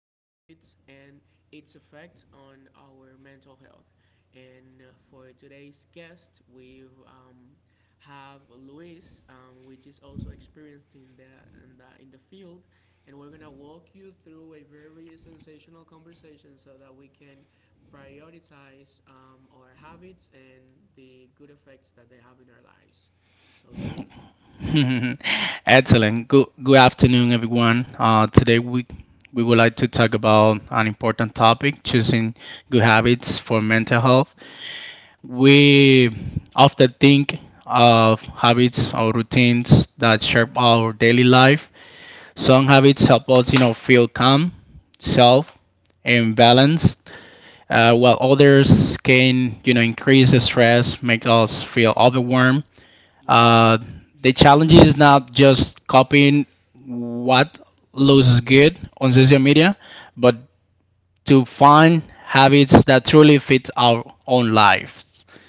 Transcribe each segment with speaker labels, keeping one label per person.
Speaker 1: good habits and its effect on our mental health. And for today's guest, we've have Luis, which is also experienced in the field, and we're gonna walk you through a very sensational conversation so that we can prioritize our habits and the good effects that they have in our lives. So, Luis. Mm, yeah,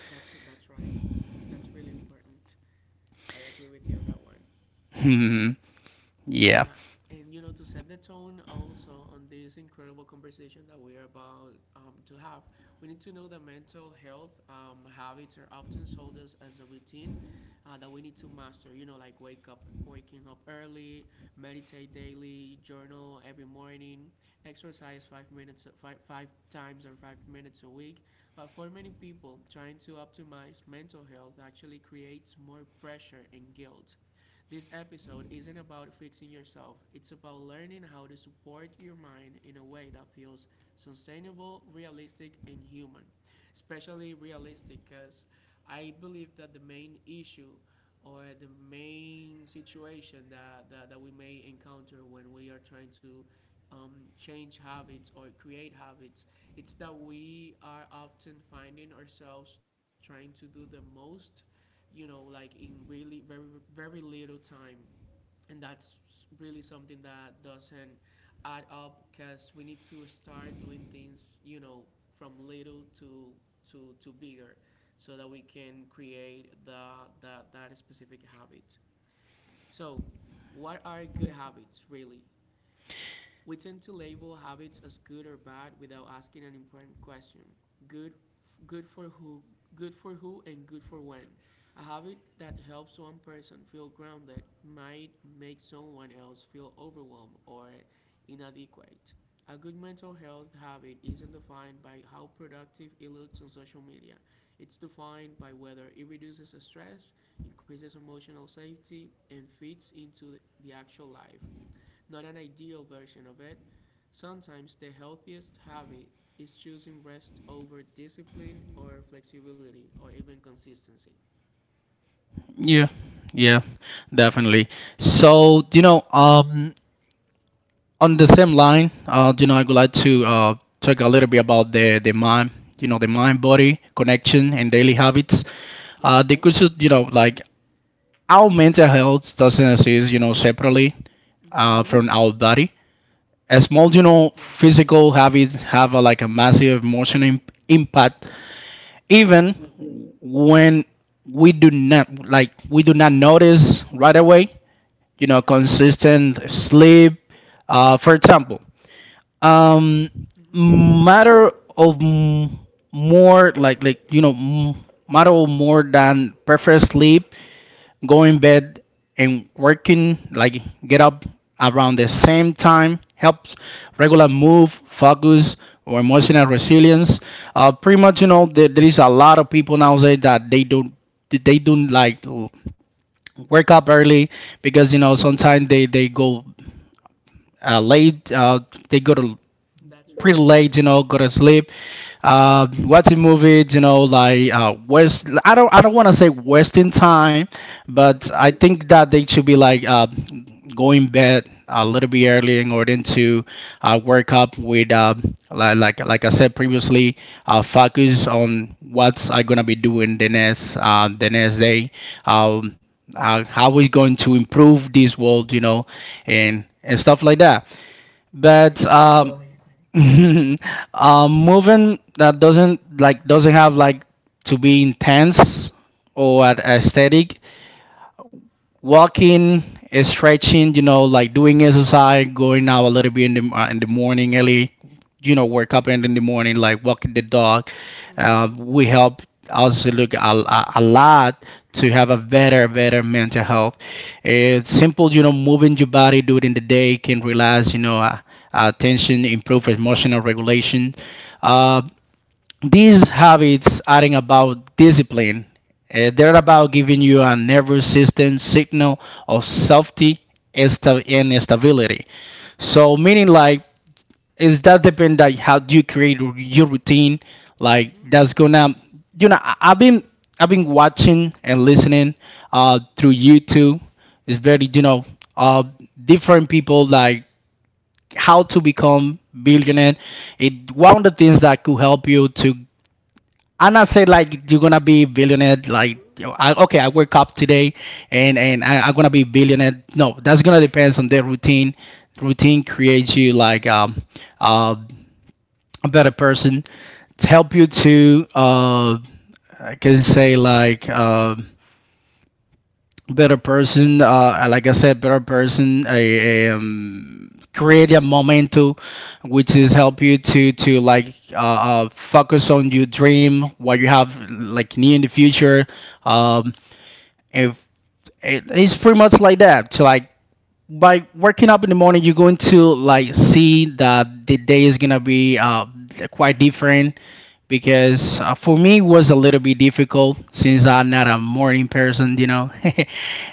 Speaker 1: that's right. That's really important. I agree with you on that one. Yeah, and to set the tone also on this incredible conversation that we are about to have, we need to know that mental health habits are often sold us as a routine that we need to master. Like waking up early, meditate daily, journal every morning, exercise 5 minutes, five times, or 5 minutes a week. But for many people, trying to optimize mental health actually creates more pressure and guilt. This episode isn't about fixing yourself; it's about learning how to support your mind in a way that feels sustainable, realistic, and human. Especially realistic, because I believe that the main issue, or the main situation that we may encounter when we are trying to um, change habits or create habits. It's that we are often finding ourselves trying to do the most, like, in really very very little time. And that's really something that doesn't add up, because we need to start doing things, from little to bigger, so that we can create the that specific habit. So, what are good habits really? We tend to label habits as good or bad without asking an important question. Good good for who, good for who and good for when. A habit that helps one person feel grounded might make someone else feel overwhelmed or inadequate. A good mental health habit isn't defined by how productive it looks on social media. It's defined by whether it reduces stress, increases emotional safety, and fits into the actual life, not an ideal version of it. Sometimes the healthiest habit is choosing rest over discipline or flexibility or even consistency. Mm-hmm. Yeah. Mm-hmm. Yeah. Absolutely. Yeah. Mm-hmm. Yeah. That's right. Mm-hmm. I totally agree. Mm-hmm. Mm-hmm. Mm-hmm.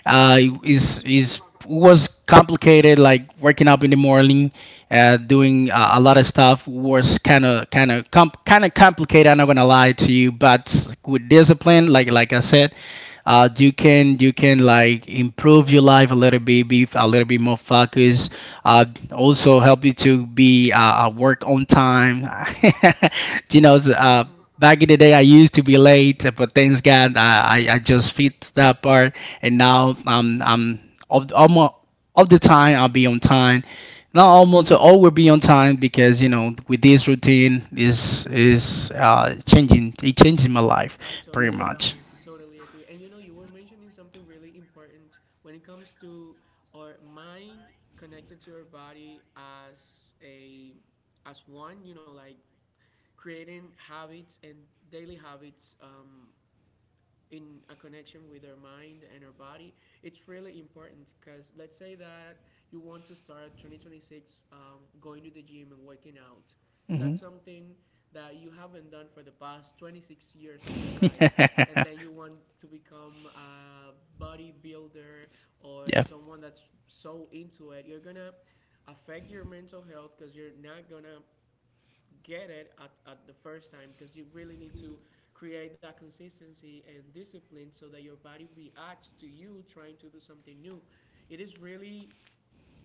Speaker 1: Mm-hmm. Mm-hmm. Mm-hmm. I totally agree. Totally agree. And you were mentioning something really important when it comes to our mind connected to our body, as one. Like creating habits and daily habits in a connection with our mind and our body, it's really important because let's say that you want to start 2026, going to the gym and working out. That's something that you haven't done for the past 26 years of your life, and then you want to become a bodybuilder or someone that's so into it. You're gonna affect your mental health because you're not gonna get it at the first time, because you really need to create that consistency and discipline so that your body reacts to you trying to do something new. It is really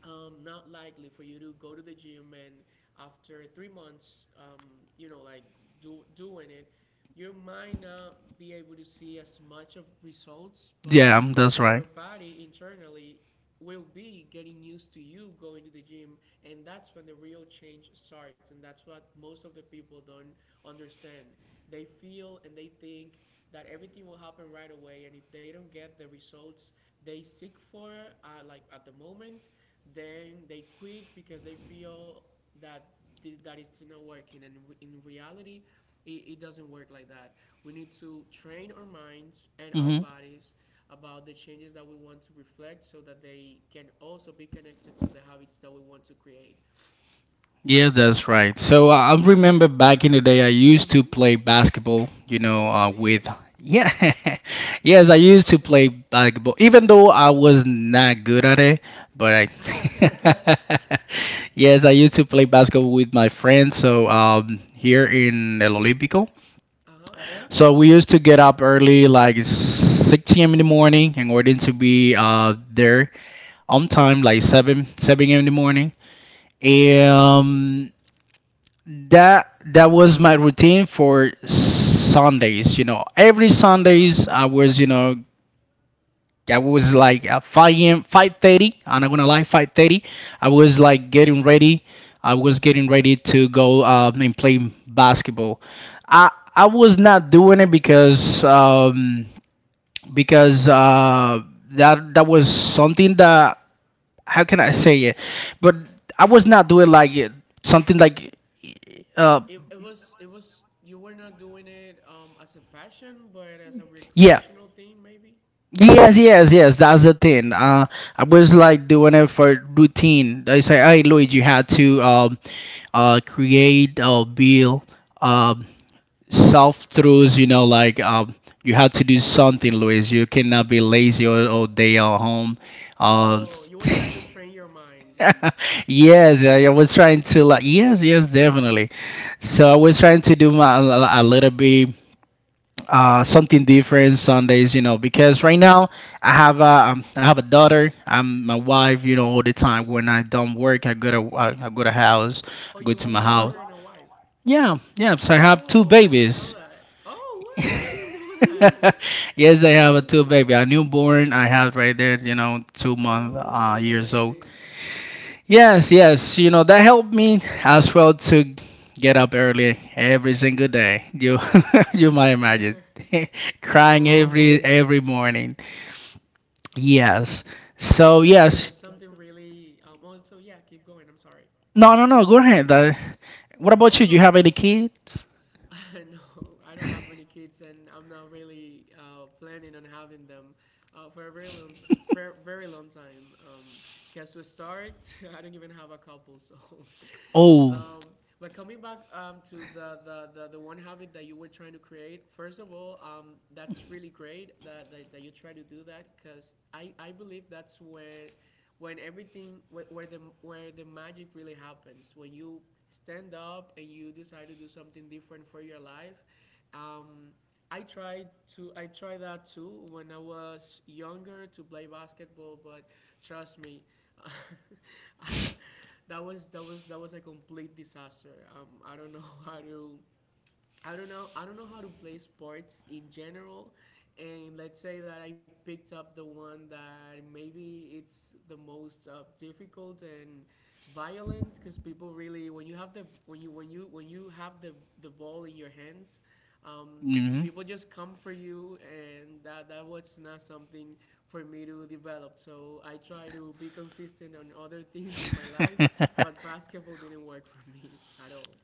Speaker 1: not likely for you to go to the gym and, after 3 months, like, doing it, you might not be able to see as much of results, but your body internally will be getting used to you going to the gym, and that's when the real change starts. And that's what most of the people don't understand. They feel and they think that everything will happen right away, and if they don't get the results they seek for, like, at the moment, then they quit because they feel that that is not working. And in reality, it doesn't work like that. We need to train our minds and our bodies about the changes that we want to reflect, so that they can also be connected to the habits that we want to create. Mm-hmm. Oh, you did? That's awesome. Uh-huh. Uh-huh. it, it was you were not doing it as a passion but as a recreational thing, maybe. Oh, you were trying to train your mind and yourself. Oh, you have a daughter and a wife. Oh, I didn't know that. Oh, what? I didn't know that. Oh, oh, that's amazing. Oh, that's something really. Also, yeah, keep going. I'm sorry. Oh no, no, I don't have any kids, and I'm not really planning on having them for a very long, t- for a very long time. Guess to start, I don't even have a couple, so. Um, but coming back to the one habit that you were trying to create, first of all, that's really great that you try to do that, because I believe that's where, where the magic really happens, when you stand up and you decide to do something different for your life. Um, i tried to i tried that too when I was younger, to play basketball, but trust me, that was a complete disaster. I don't know how to. I don't know. I don't know how to play sports in general, and let's say that I picked up the one that maybe it's the most difficult and violent, because people really, when you have the ball in your hands. Um, people just come for you, and that was not something for me to develop. So I try to be consistent on other things in my life, but basketball didn't work for me at all.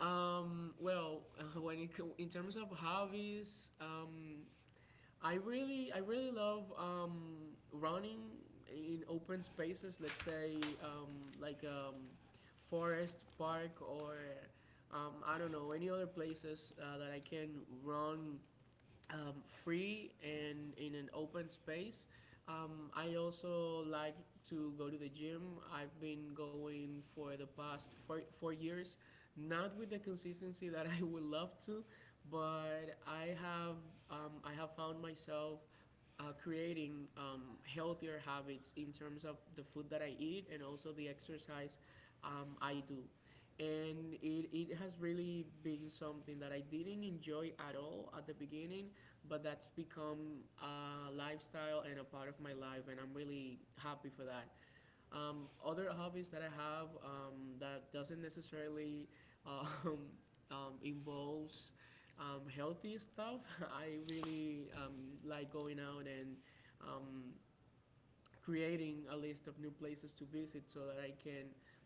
Speaker 1: Well, in terms of hobbies, I really love running in open spaces. Let's say like, forest, park, or I don't know, any other places that I can run um, free and in an open space. I also like to go to the gym. I've been going for the past four years, not with the consistency that I would love to, but I have found myself creating healthier habits in terms of the food that I eat and also the exercise I do. And it has really been something that I didn't enjoy at all at the beginning, but that's become a lifestyle and a part of my life, and I'm really happy for that. Other hobbies that I have that doesn't necessarily um, involves healthy stuff. I really like going out and um, creating a list of new places to visit so that I can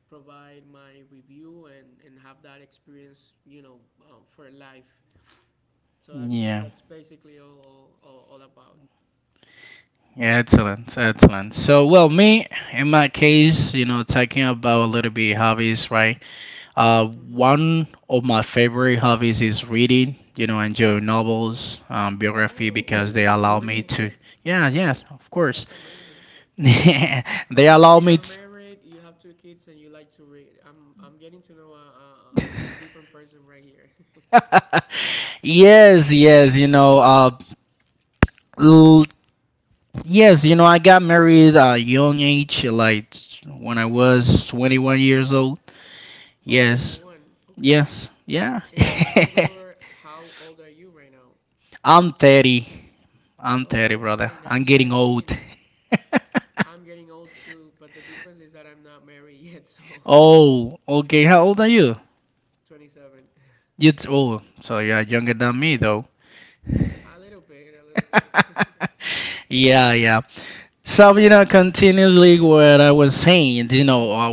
Speaker 1: provide my review, and have that experience, for life. So that's basically all all about. Mm-hmm. Oh, you do read? That's amazing. Okay, so you're married, you have two kids, and you like to read. I'm getting to know a different person right here. Oh, 21. Okay. And, how old are you right now? Oh, okay, 9 years in. I'm getting old too, but the difference is that I'm not married yet, so. 27. A little bit, a little bit. Mm-hmm.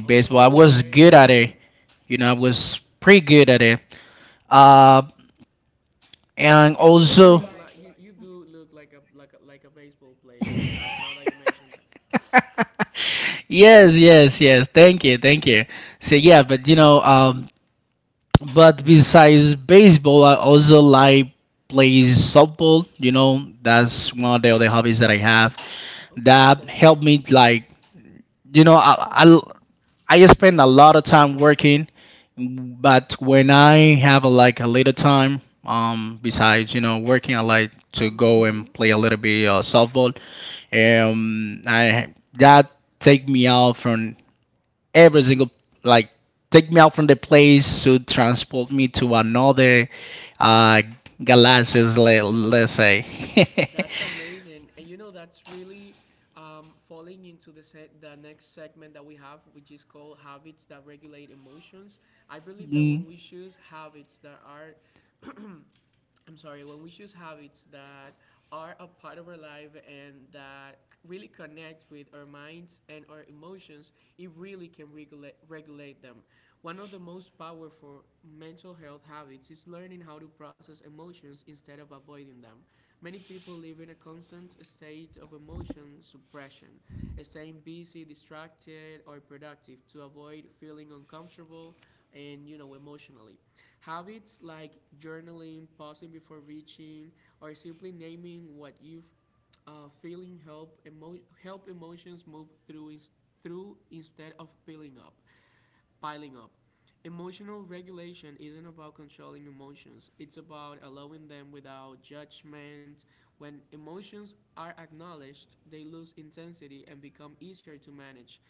Speaker 1: Oh, that's great. You do, like, you do look like a, like a baseball player, now that you mentioned that. Mhm. Okay. Mhm. That's amazing. And you know, that's really falling into the next segment that we have, which is called habits that regulate emotions. I believe that when we choose habits that are I'm sorry, when we choose habits that are a part of our life and that really connect with our minds and our emotions, it really can regulate, them. One of the most powerful mental health habits is learning how to process emotions instead of avoiding them. Many people live in a constant state of emotion suppression, staying busy, distracted, or productive to avoid feeling uncomfortable and emotionally. Habits like journaling, pausing before reaching, or simply naming what you've feeling help help emotions move through instead of piling up. Emotional regulation isn't about controlling emotions. It's about allowing them without judgment. When emotions are acknowledged, they lose intensity and become easier to manage.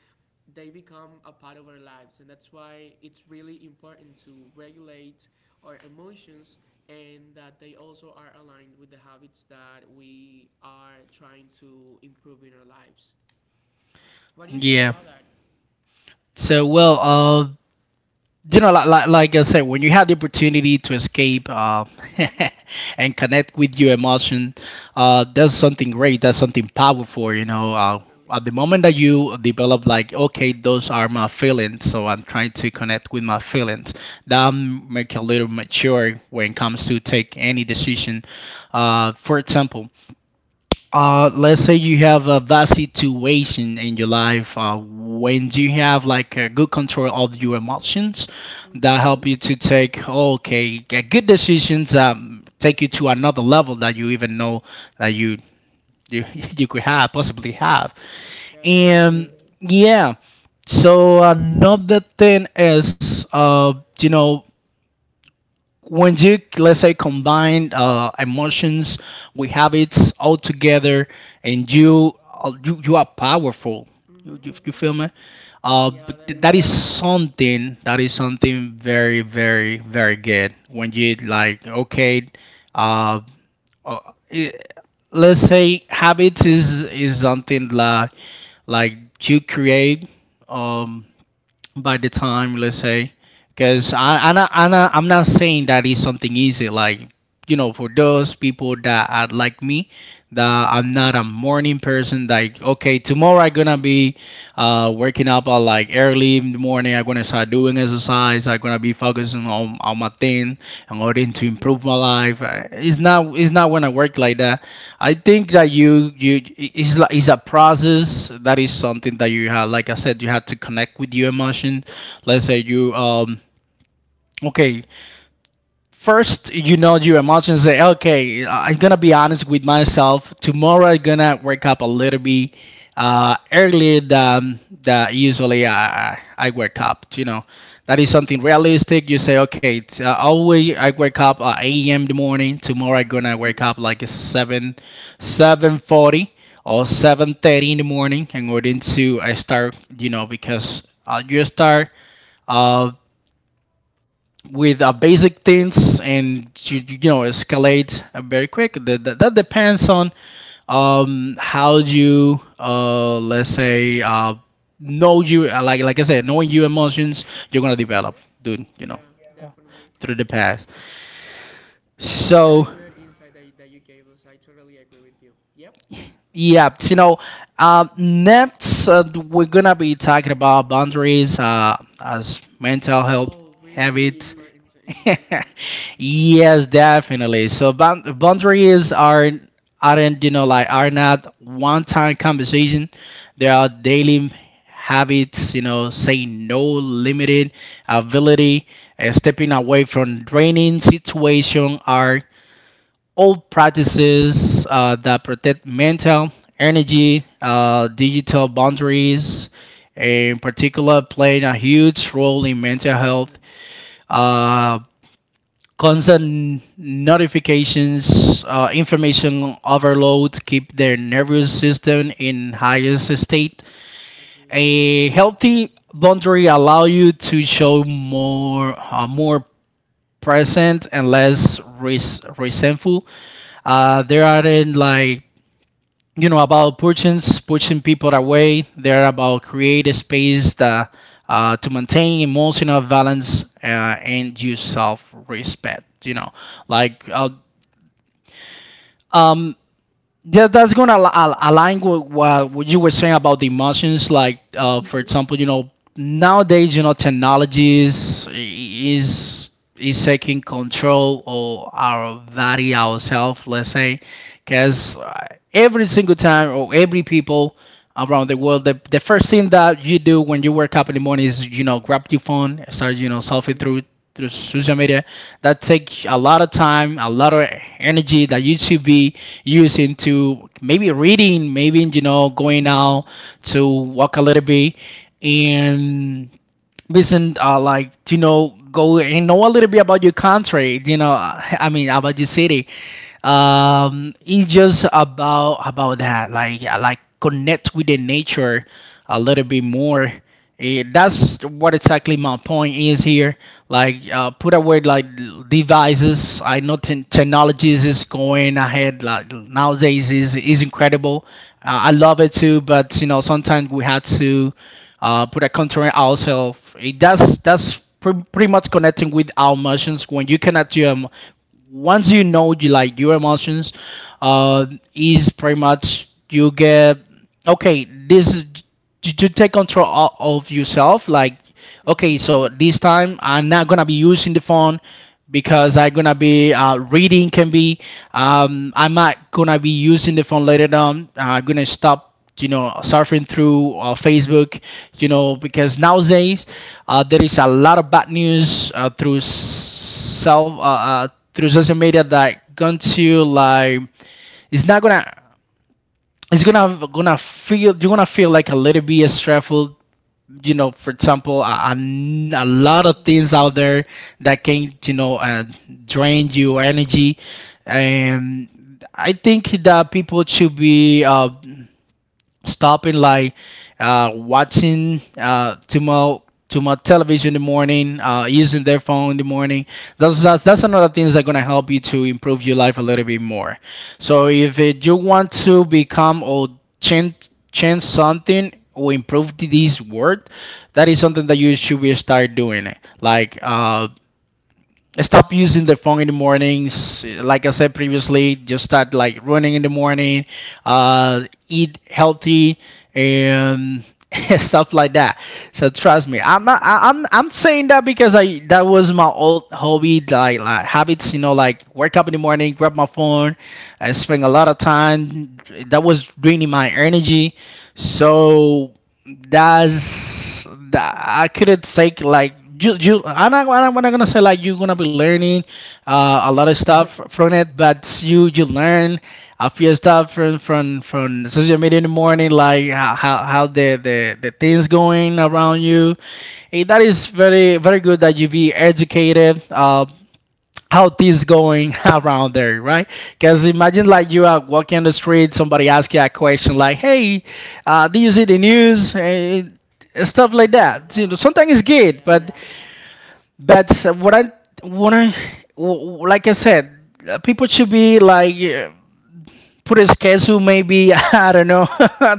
Speaker 1: They become a part of our lives, and that's why it's really important to regulate our emotions, and that they also are aligned with the habits that we are trying to improve in our lives. What do you think about that? Mm-hmm. Definitely. Mm-hmm. Definitely. Mm-hmm. Yeah, definitely. Mm-hmm. Mm-hmm. Mm-hmm. Mm-hmm. Yeah, definitely. That's a very good insight that you gave us. I totally agree with you. Yep. Oh, really, really important and interesting. Yeah. Oh, really important. Agree. Mm-hmm. Yeah. Agree. Mm-hmm. Mm-hmm. Mm-hmm. Yeah. Yeah.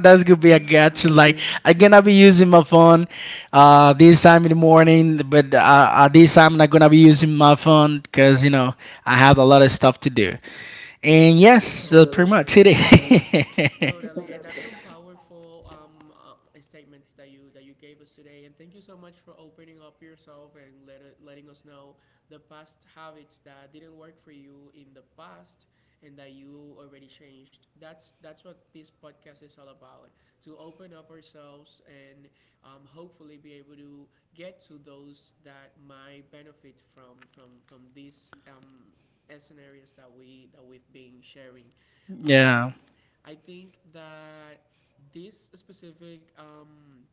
Speaker 1: Mm-hmm. I agree. Totally agree. Totally. Totally, and that's some powerful statements that you gave us today. And thank you so much for opening up yourself and letting us know the past habits that didn't work for you in the past and that you already changed. That's what this podcast is all about: to open up ourselves and hopefully be able to get to those that might benefit from these scenarios that we've been sharing. Um, I think that this specific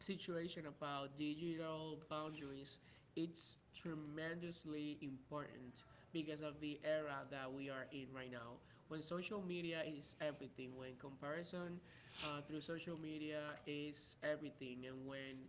Speaker 1: situation about digital boundaries, it's tremendously important because of the era that we are in right now, when social media is everything, when comparison through social media is everything, and when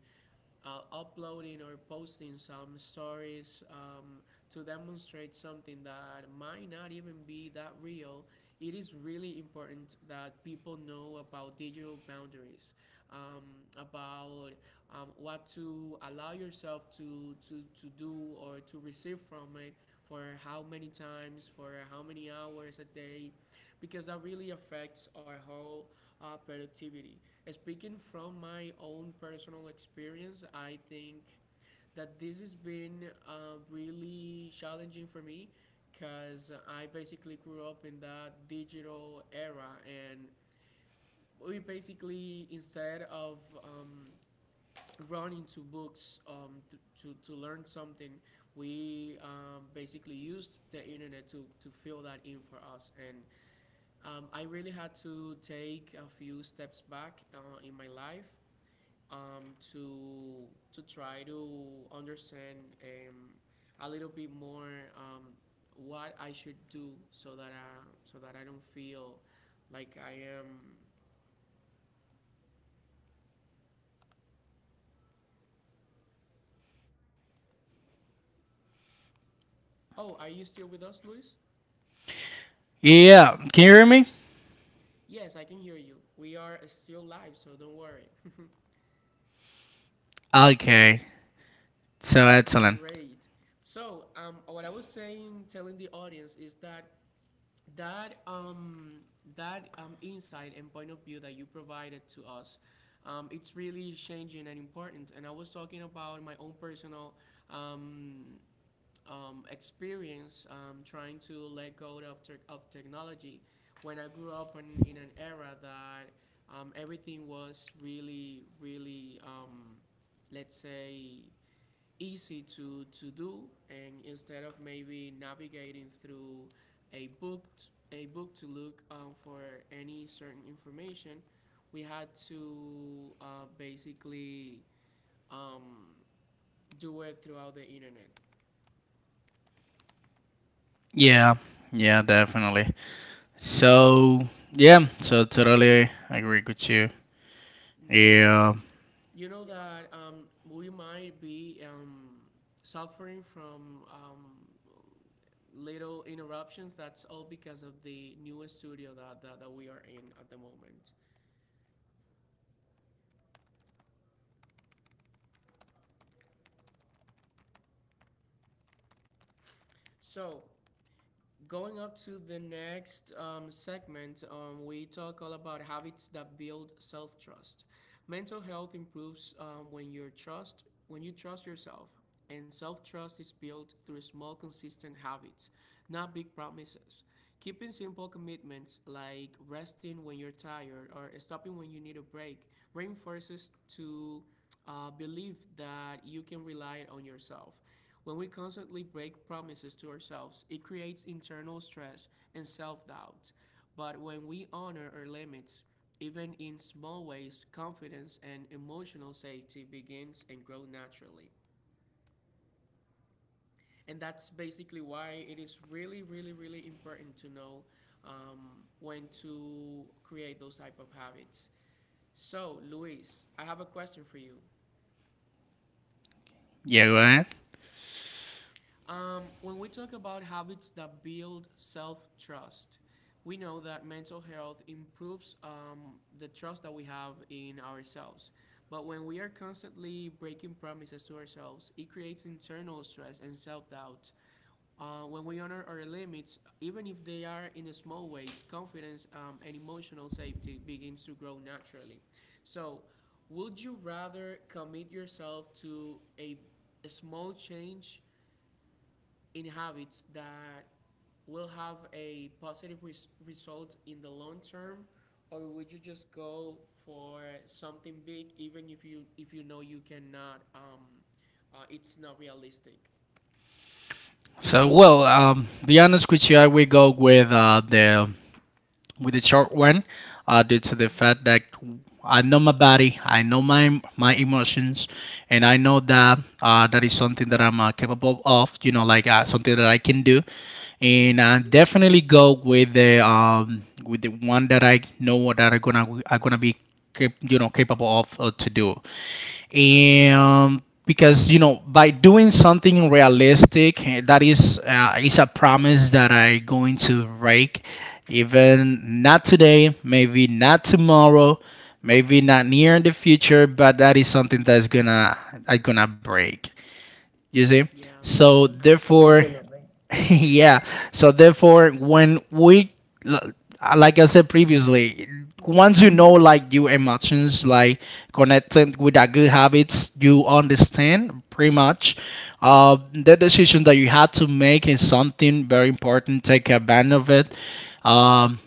Speaker 1: uploading or posting some stories to demonstrate something that might not even be that real, it is really important that people know about digital boundaries, um, about what to allow yourself to, to do or to receive from it, for how many times, for how many hours a day, because that really affects our whole productivity. Speaking from my own personal experience, I think that this has been really challenging for me because I basically grew up in that digital era, and we basically, instead of um, running to books to, to learn something, we basically used the internet to fill that in for us. And I really had to take a few steps back in my life um, to to try to understand a little bit more, um, what I should do so that so that I don't feel like I am. Oh, are you still with us, Luis? Yes, I can hear you. We are still live, so don't worry. Great. So, what I was saying, telling the audience, is that that um, that insight and point of view that you provided to us, it's really changing and important, and I was talking about my own personal um, experience trying to let go of, technology when I grew up in an era that everything was really, let's say, easy to do, and instead of maybe navigating through a book t- a book to look for any certain information, we had to basically um, do it throughout the internet. Yeah, you know that we might be suffering from little interruptions. That's all because of the newest studio that we are in at the moment. So, going up to the next segment, we talk all about habits that build self-trust. Mental health improves when you trust yourself, and self-trust is built through small, consistent habits, not big promises. Keeping simple commitments like resting when you're tired or stopping when you need a break reinforces to believe that you can rely on yourself. When we constantly break promises to ourselves, it creates internal stress and self doubt. But when we honor our limits, even in small ways, confidence and emotional safety begins and grow naturally. And that's basically why it is really, really, really important to know when to create those type of habits. So, Luis, I have a question for you.
Speaker 2: Yeah, right.
Speaker 1: When we talk about habits that build self trust, we know that mental health improves the trust that we have in ourselves. But when we are constantly breaking promises to ourselves, it creates internal stress and self doubt. When we honor our limits, even if they are in a small ways, confidence and emotional safety begins to grow naturally. So, would you rather commit yourself to a small change in habits that will have a positive result in the long term, or would you just go for something big even if you know you cannot it's not realistic?
Speaker 2: So, well, be honest with you, I will go with the short one, due to the
Speaker 1: Mhm.
Speaker 2: fact that I know my body, I know my emotions, and I know that that is something that I'm capable of. You know, like something that I can do, and
Speaker 1: Mhm.
Speaker 2: I definitely go with the one that I know that I'm gonna be capable of, to do. And because you know, by doing something realistic, that is a promise that I going to break, even not today, maybe not tomorrow, maybe not near in the future, but that is something that's gonna break. You see?
Speaker 1: Yeah.
Speaker 2: So therefore,
Speaker 1: Absolutely.
Speaker 2: definitely. Yeah. So therefore, when we, l- like I said previously,
Speaker 1: Mhm.
Speaker 2: once you know, like your emotions, like connected with a good habits, you understand pretty much. The decision that you had to make is something very important. Take advantage of it. Um,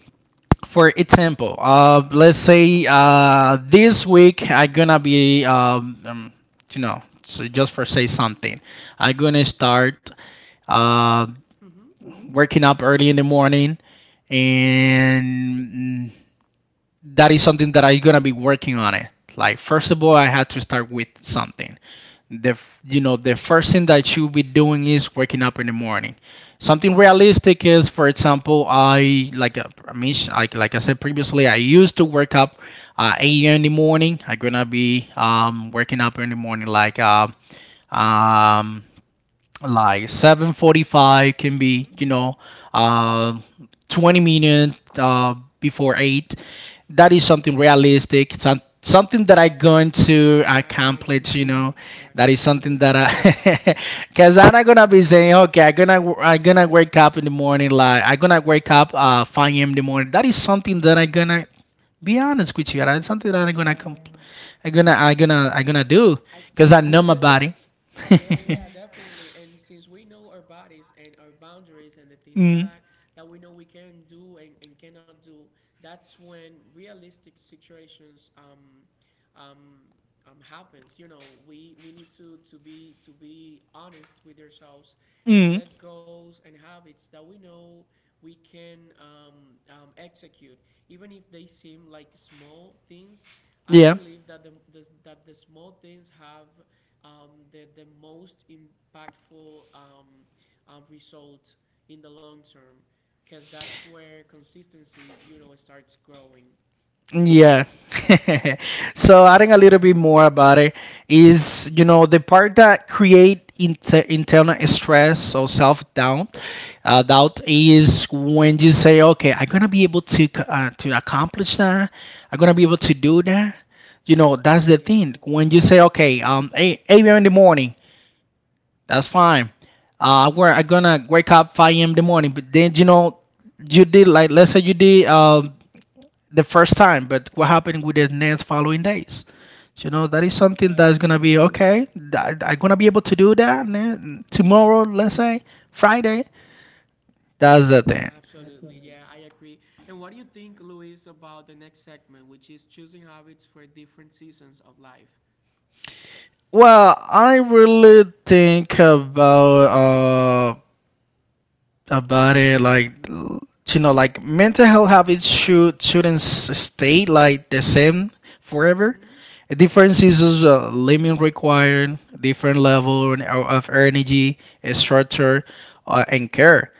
Speaker 2: for example, let's say this week I'm gonna be, you know, so just for say something, I'm gonna start, uh,
Speaker 1: Mhm.
Speaker 2: working up early in the morning. And that is something that I'm gonna be working on it. Like, first of all, I had to start with something. You know, the first thing that you be doing is waking up in the morning. Something realistic is, for example, I mean, like I said previously, I used to wake up, 8 a.m. in the morning. I'm gonna be, working up in the morning like, um, like 7:45, can be,
Speaker 1: Mhm.
Speaker 2: you know, uh, 20 minutes, before 8. That is something realistic, something that I going to accomplish,
Speaker 1: Exactly.
Speaker 2: you know. That is
Speaker 1: Exactly.
Speaker 2: something that i, because I'm not gonna be saying, okay, i'm gonna wake up in the morning, like I'm gonna wake up, 5 a.m. in the morning. That is something that I'm gonna, be honest with you, that's something that I'm gonna
Speaker 1: Yeah.
Speaker 2: compl- I'm gonna I'm gonna I'm gonna do,
Speaker 1: i
Speaker 2: because
Speaker 1: i
Speaker 2: I know
Speaker 1: think
Speaker 2: my
Speaker 1: that
Speaker 2: body.
Speaker 1: Yeah, yeah, definitely. And since we know our bodies and our boundaries and the things
Speaker 2: Mm.
Speaker 1: that that we know we can do and cannot do, that's when realistic situations um happens. You know, we need to be honest with ourselves and
Speaker 2: Mm.
Speaker 1: set goals and habits that we know we can execute, even if they seem like small things. I
Speaker 2: Yeah.
Speaker 1: believe that the small things have the most impactful result in the long term, because that's where consistency, you know, starts growing.
Speaker 2: Yeah. So adding a little bit more about it is,
Speaker 1: Hmm.
Speaker 2: you know, the part that create internal stress or self-doubt, doubt is when you say, okay, I'm gonna be able to to accomplish that. I'm gonna be able to do that. You know, that's the
Speaker 1: Yeah,
Speaker 2: thing. When you say, okay, 8 a.m. in the morning, that's fine. I'm gonna wake up 5 a.m. in the morning, but then you know, you did, like, let's say you did the first time, but what happened with the next following days? You know, that is something that's gonna
Speaker 1: definitely,
Speaker 2: be okay. I'm gonna be able to do that, tomorrow, let's say Friday. That's the thing.
Speaker 1: absolutely. Yeah, I agree. And what do you think, Luis, about the next segment, which is choosing habits for different seasons of life?
Speaker 2: Well, I really think about it like, you know, like mental health habits shouldn't stay like the same forever.
Speaker 1: Hmm.
Speaker 2: Different seasons, a limit required different level and of energy, structure, and care.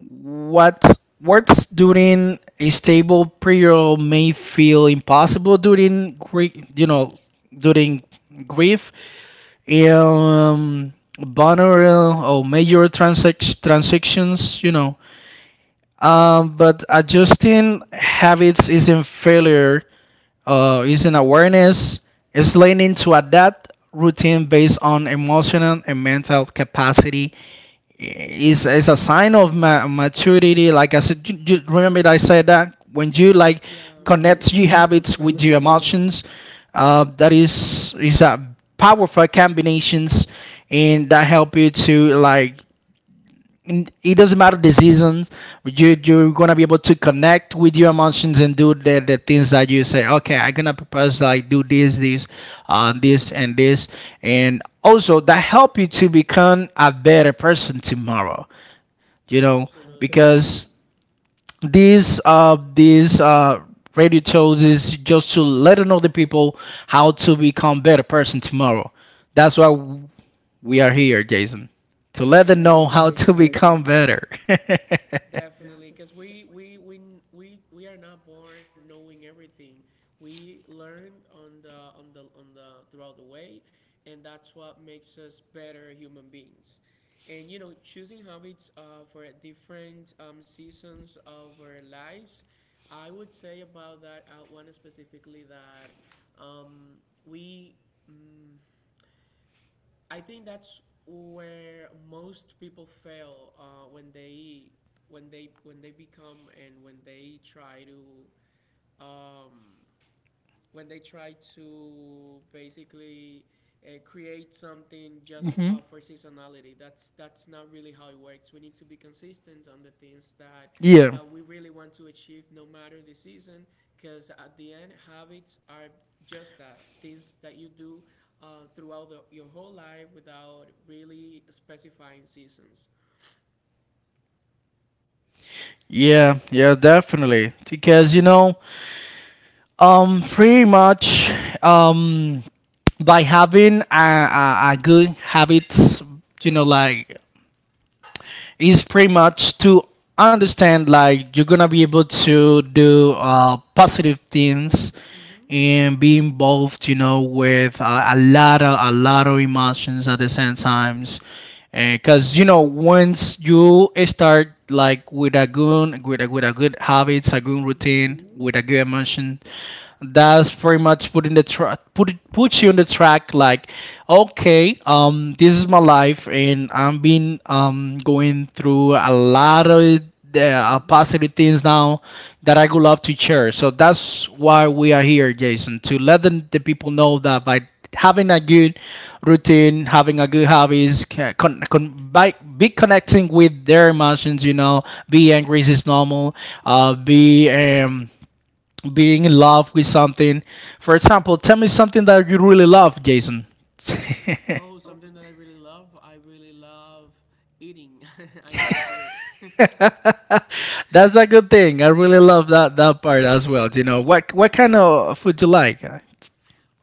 Speaker 2: What works during a stable period may feel impossible during grief, you know, during grief, um vulnerable or major
Speaker 1: Hmm.
Speaker 2: transactions, you know. But adjusting habits isn't failure, isn't awareness. It's learning to adapt routine based on emotional and mental capacity. Is a sign of maturity. Like I said, you remember that I said that when you like
Speaker 1: Yeah.
Speaker 2: connect
Speaker 1: Hmm,
Speaker 2: your
Speaker 1: I
Speaker 2: habits with
Speaker 1: remember
Speaker 2: your
Speaker 1: that.
Speaker 2: emotions, that is a powerful combinations, and that help you to, like, it doesn't matter the seasons, you're gonna be able to connect with your emotions and do the things that you say, okay, I'm gonna propose, like, do this, this and this, and also that help you to become a better person tomorrow, you know. Okay,
Speaker 1: Absolutely.
Speaker 2: because these radio shows is just to let another people how to become better person tomorrow. That's why we are here, Jason, to
Speaker 1: I
Speaker 2: let them know
Speaker 1: agree.
Speaker 2: how
Speaker 1: I
Speaker 2: to
Speaker 1: agree.
Speaker 2: become better.
Speaker 1: Definitely, because we are not born knowing everything. We learned on the throughout the way, and that's what makes us better human beings. And you know, choosing habits for different seasons of our lives, I would say about that one specifically that um, we. Mm, I think that's where most people fail when they become and when they try to um, when they try to basically create something just
Speaker 2: Hmm.
Speaker 1: for seasonality. That's not really how it works. We need to be consistent on the things that
Speaker 2: Yeah,
Speaker 1: that we really want to achieve, no matter the season. Because at the end, habits are just that things that you do throughout your whole life without really specifying seasons.
Speaker 2: yeah, yeah, definitely. Because you know, pretty much, um, by having a good habits, you know, like, is pretty much to understand, like, you're gonna be able to do, positive things
Speaker 1: Mhm.
Speaker 2: and be involved, you know, with a lot of emotions at the same times, because you know, once you start, like, with a good, with a good habits, a good
Speaker 1: Mhm.
Speaker 2: routine with a good emotion, that's pretty much put in the track, put it, puts you on the track, like, okay, this is my life and I'm been going through a lot of the,
Speaker 1: Mhm.
Speaker 2: positive things now, that I would love to share. So that's why we are here, Jason, to let the people know that by having a good routine, having a good hobbies, by, be connecting with their emotions, you know, be angry is normal, be being in love with something. For example, tell me something that you really love, Jason.
Speaker 1: Oh, something that I really love. I really love eating. I love food.
Speaker 2: That's a good thing. I really love that, that part as well. You know, what
Speaker 1: Yeah.
Speaker 2: kind of food you like?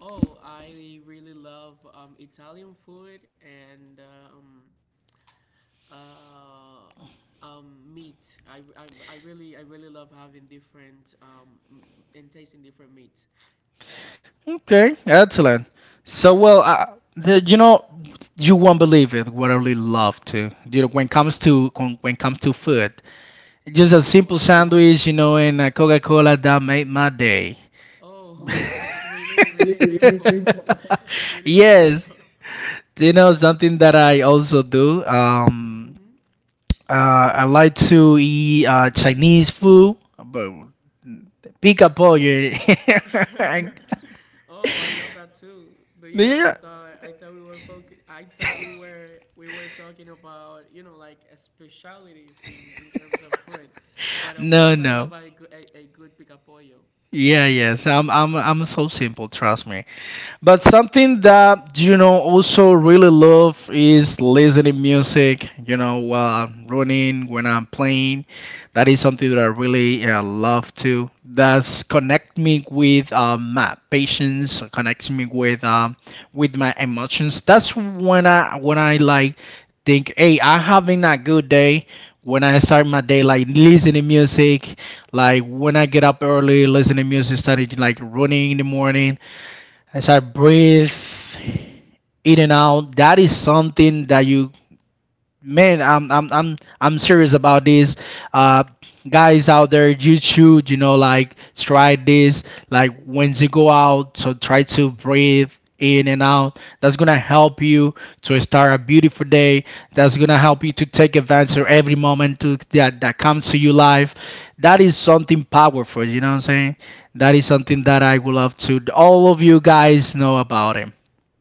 Speaker 1: Oh, I really love Italian food and meat. I really love having different and tasting different meats.
Speaker 2: Okay, excellent. So,
Speaker 1: Yeah.
Speaker 2: well, the, you know, you won't believe it. What I really love to, you know, when it comes to, when it comes to food, just a
Speaker 1: Oh,
Speaker 2: simple
Speaker 1: what?
Speaker 2: sandwich, you know, and a Coca-Cola that made my day.
Speaker 1: Oh, really really simple, really
Speaker 2: Yes.
Speaker 1: simple.
Speaker 2: You know, something that I also do.
Speaker 1: Mm-hmm.
Speaker 2: Uh, I like to eat, Chinese food, but pica pollo. Yeah.
Speaker 1: Oh, I love that too. But you know,
Speaker 2: No,
Speaker 1: I thought we were I thought we were talking about, you know, like specialities in terms of food. But of course, I
Speaker 2: no.
Speaker 1: love a good picapollo.
Speaker 2: Yeah, yes. I'm so simple. Trust me. But something that you know also really love is listening music. You know, while I'm running, when I'm playing, that is something that I really love to. That's connect me with my patience, connects me with my emotions. That's when I, when I, like, think, hey, I'm having a good day. When I start my day, like, listening music, like when I get up early, listening music, started like running in the morning. As I breathe in and out, that is something that you, man, I'm serious about this. Uh guys out there, you should, you know, like try this. Like, when you go out, so try to breathe in and out, that's gonna help you to start a beautiful day, that's gonna help you to take advantage of every moment to, that that comes to your life. That is something powerful, you know what I'm saying. That is something that I would love to all of you guys know about it.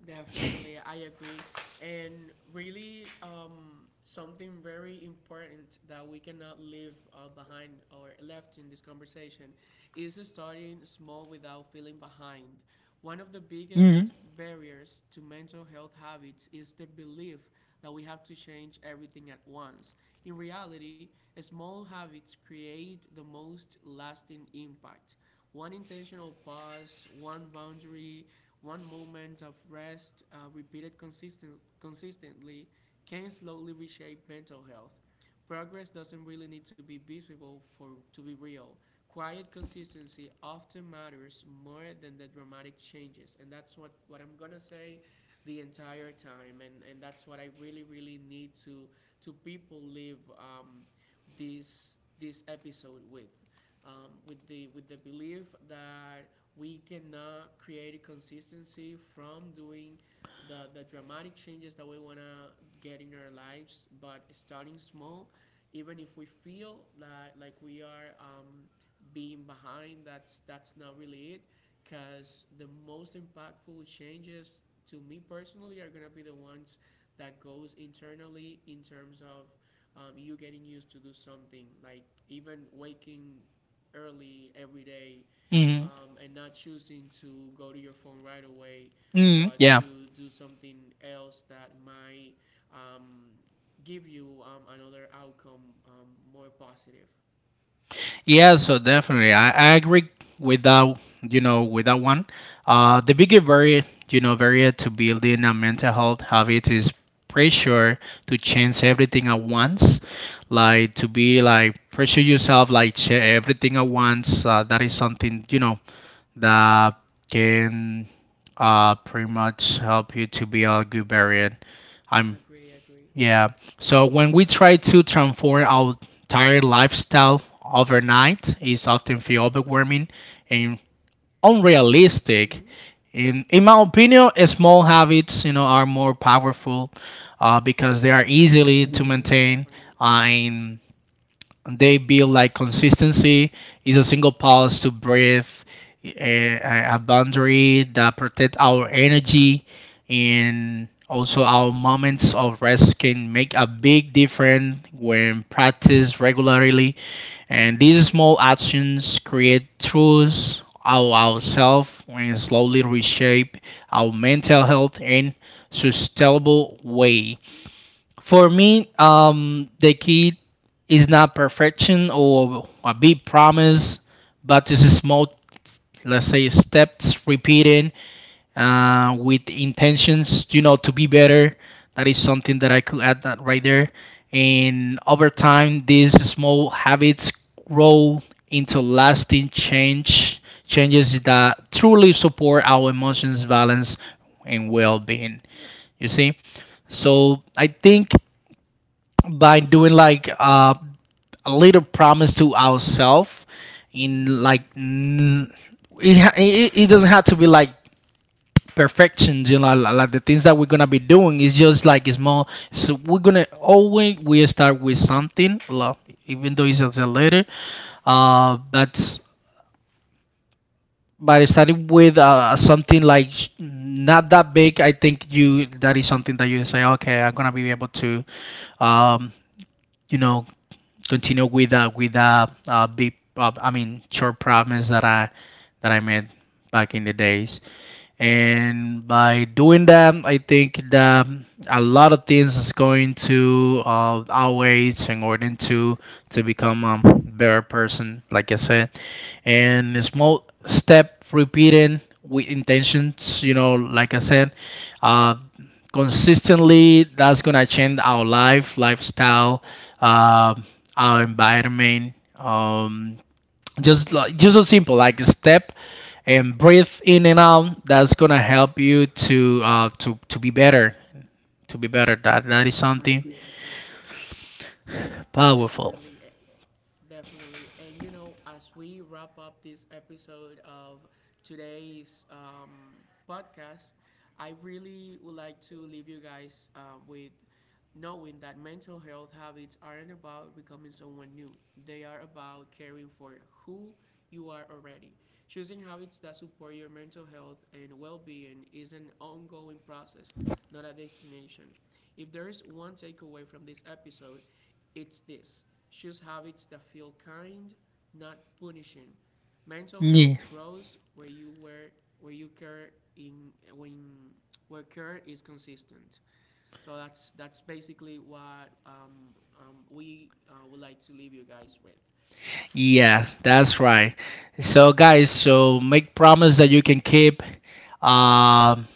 Speaker 1: Definitely, I agree. And really, something very important that we cannot leave behind or left in this conversation is starting small without feeling behind. One of the
Speaker 2: Hmm.
Speaker 1: biggest barriers to mental health habits is the belief that we have to change everything at once. In reality, small habits create the most lasting impact: one intentional pause, one boundary, one moment of rest, consistently, can slowly reshape mental health. Progress doesn't really need to be visible for to be real. Quiet consistency often matters more than the dramatic changes, and that's what I'm gonna say the entire time, and that's what I really really need to people leave this this episode with the belief that we cannot create a consistency from doing the dramatic changes that we wanna get in our lives, but starting small, even if we feel that like we are being behind, that's not really it, because the most impactful changes to me personally are gonna be the ones that goes internally in terms of you getting used to do something like even waking early every day,
Speaker 2: Hmm.
Speaker 1: and not choosing to go to your phone right away,
Speaker 2: Hmm.
Speaker 1: but
Speaker 2: Yeah.
Speaker 1: to do something else that might um, give you another outcome, more positive.
Speaker 2: Yeah, so definitely, I agree with that. You know, with that one, the
Speaker 1: Mm-hmm.
Speaker 2: bigger barrier, you know, barrier to building a mental health habit is pressure to change everything at once, like, to be like, pressure yourself, like, everything at once. That is something, you know, that can, pretty much help you to be a good barrier. I'm,
Speaker 1: Agree. Agree.
Speaker 2: yeah. So when we try
Speaker 1: Definitely.
Speaker 2: to transform our entire lifestyle overnight, it's often feel overwhelming
Speaker 1: Mm-hmm.
Speaker 2: and unrealistic. In my opinion, small habits, you know, are more powerful, because they are
Speaker 1: Definitely.
Speaker 2: easily to maintain, and they build like consistency. Is a single pulse to breathe, a boundary that protect our energy, and also our moments of rest can make a big difference when practiced regularly. And
Speaker 1: Mm-hmm.
Speaker 2: these small actions create truths of ourselves and slowly reshape our mental health in sustainable way. For me, the key is not perfection or a big promise, but it's a small, let's say, steps repeating, with intentions, you know, to be better. That is something that I could add that right there. And over time, these small habits grow into lasting change, changes that truly support our emotions, balance, and well-being. You see, so I think by doing like, a little promise to ourselves,
Speaker 1: Mm-hmm.
Speaker 2: in like, it, it, it doesn't have to be like perfection, you know, like the things that we're gonna be doing is just like, it's more, so we're gonna always, we start with something, even though it's as a letter, that's, by starting with, something like, not that big. I think you, that is something that you say, okay, I'm gonna be able to, um you know, continue with, big, I mean, short problems that I, that I made back in the days. And by doing that, I think that a lot of things is going to, outweighs, in order to become a better person, like I said. And a small step repeating with intentions, you know, like I said, uh, consistently, that's gonna change our lifestyle, uh, our environment, just like, just so simple, like, step and breathe in and out, that's gonna help you to, to be better, that that is
Speaker 1: Agree.
Speaker 2: something
Speaker 1: Agree.
Speaker 2: powerful.
Speaker 1: Definitely. Definitely. And you know, as we wrap up this episode of today's podcast, I really would like to leave you guys with knowing that mental health habits aren't about becoming someone new, they are about caring for who you are already. Choosing habits that support your mental health and well being is an ongoing process, not a destination. If there is one takeaway from this episode, it's this: choose habits that feel kind, not punishing. Mental
Speaker 2: Yeah.
Speaker 1: health grows where you care in when where care is consistent. So that's basically what we would like to leave you guys with.
Speaker 2: Yeah, that's right. So guys, so make promise that you can keep, um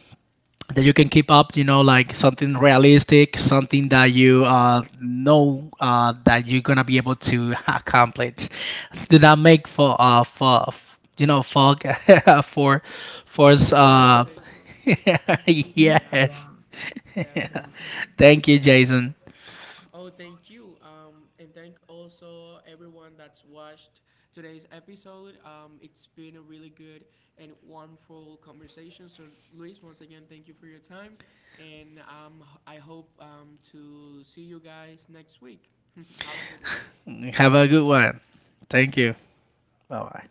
Speaker 2: that you can keep up, you know, like something realistic, something that you, know, that you're gonna be able to accomplish, did that make for, for, you know, for for for
Speaker 1: For
Speaker 2: us,
Speaker 1: his expectations, hmm yeah,
Speaker 2: yes.
Speaker 1: definitely.
Speaker 2: Thank you, Jason.
Speaker 1: Oh, thank you. And thank also everyone that's watched today's episode. It's been a really good and wonderful conversation. So, Luis, once again, thank you for your time. And I hope to see you guys next week. Have a good one.
Speaker 2: Have a good one. Thank
Speaker 1: Bye
Speaker 2: you.
Speaker 1: bye.
Speaker 2: Bye bye.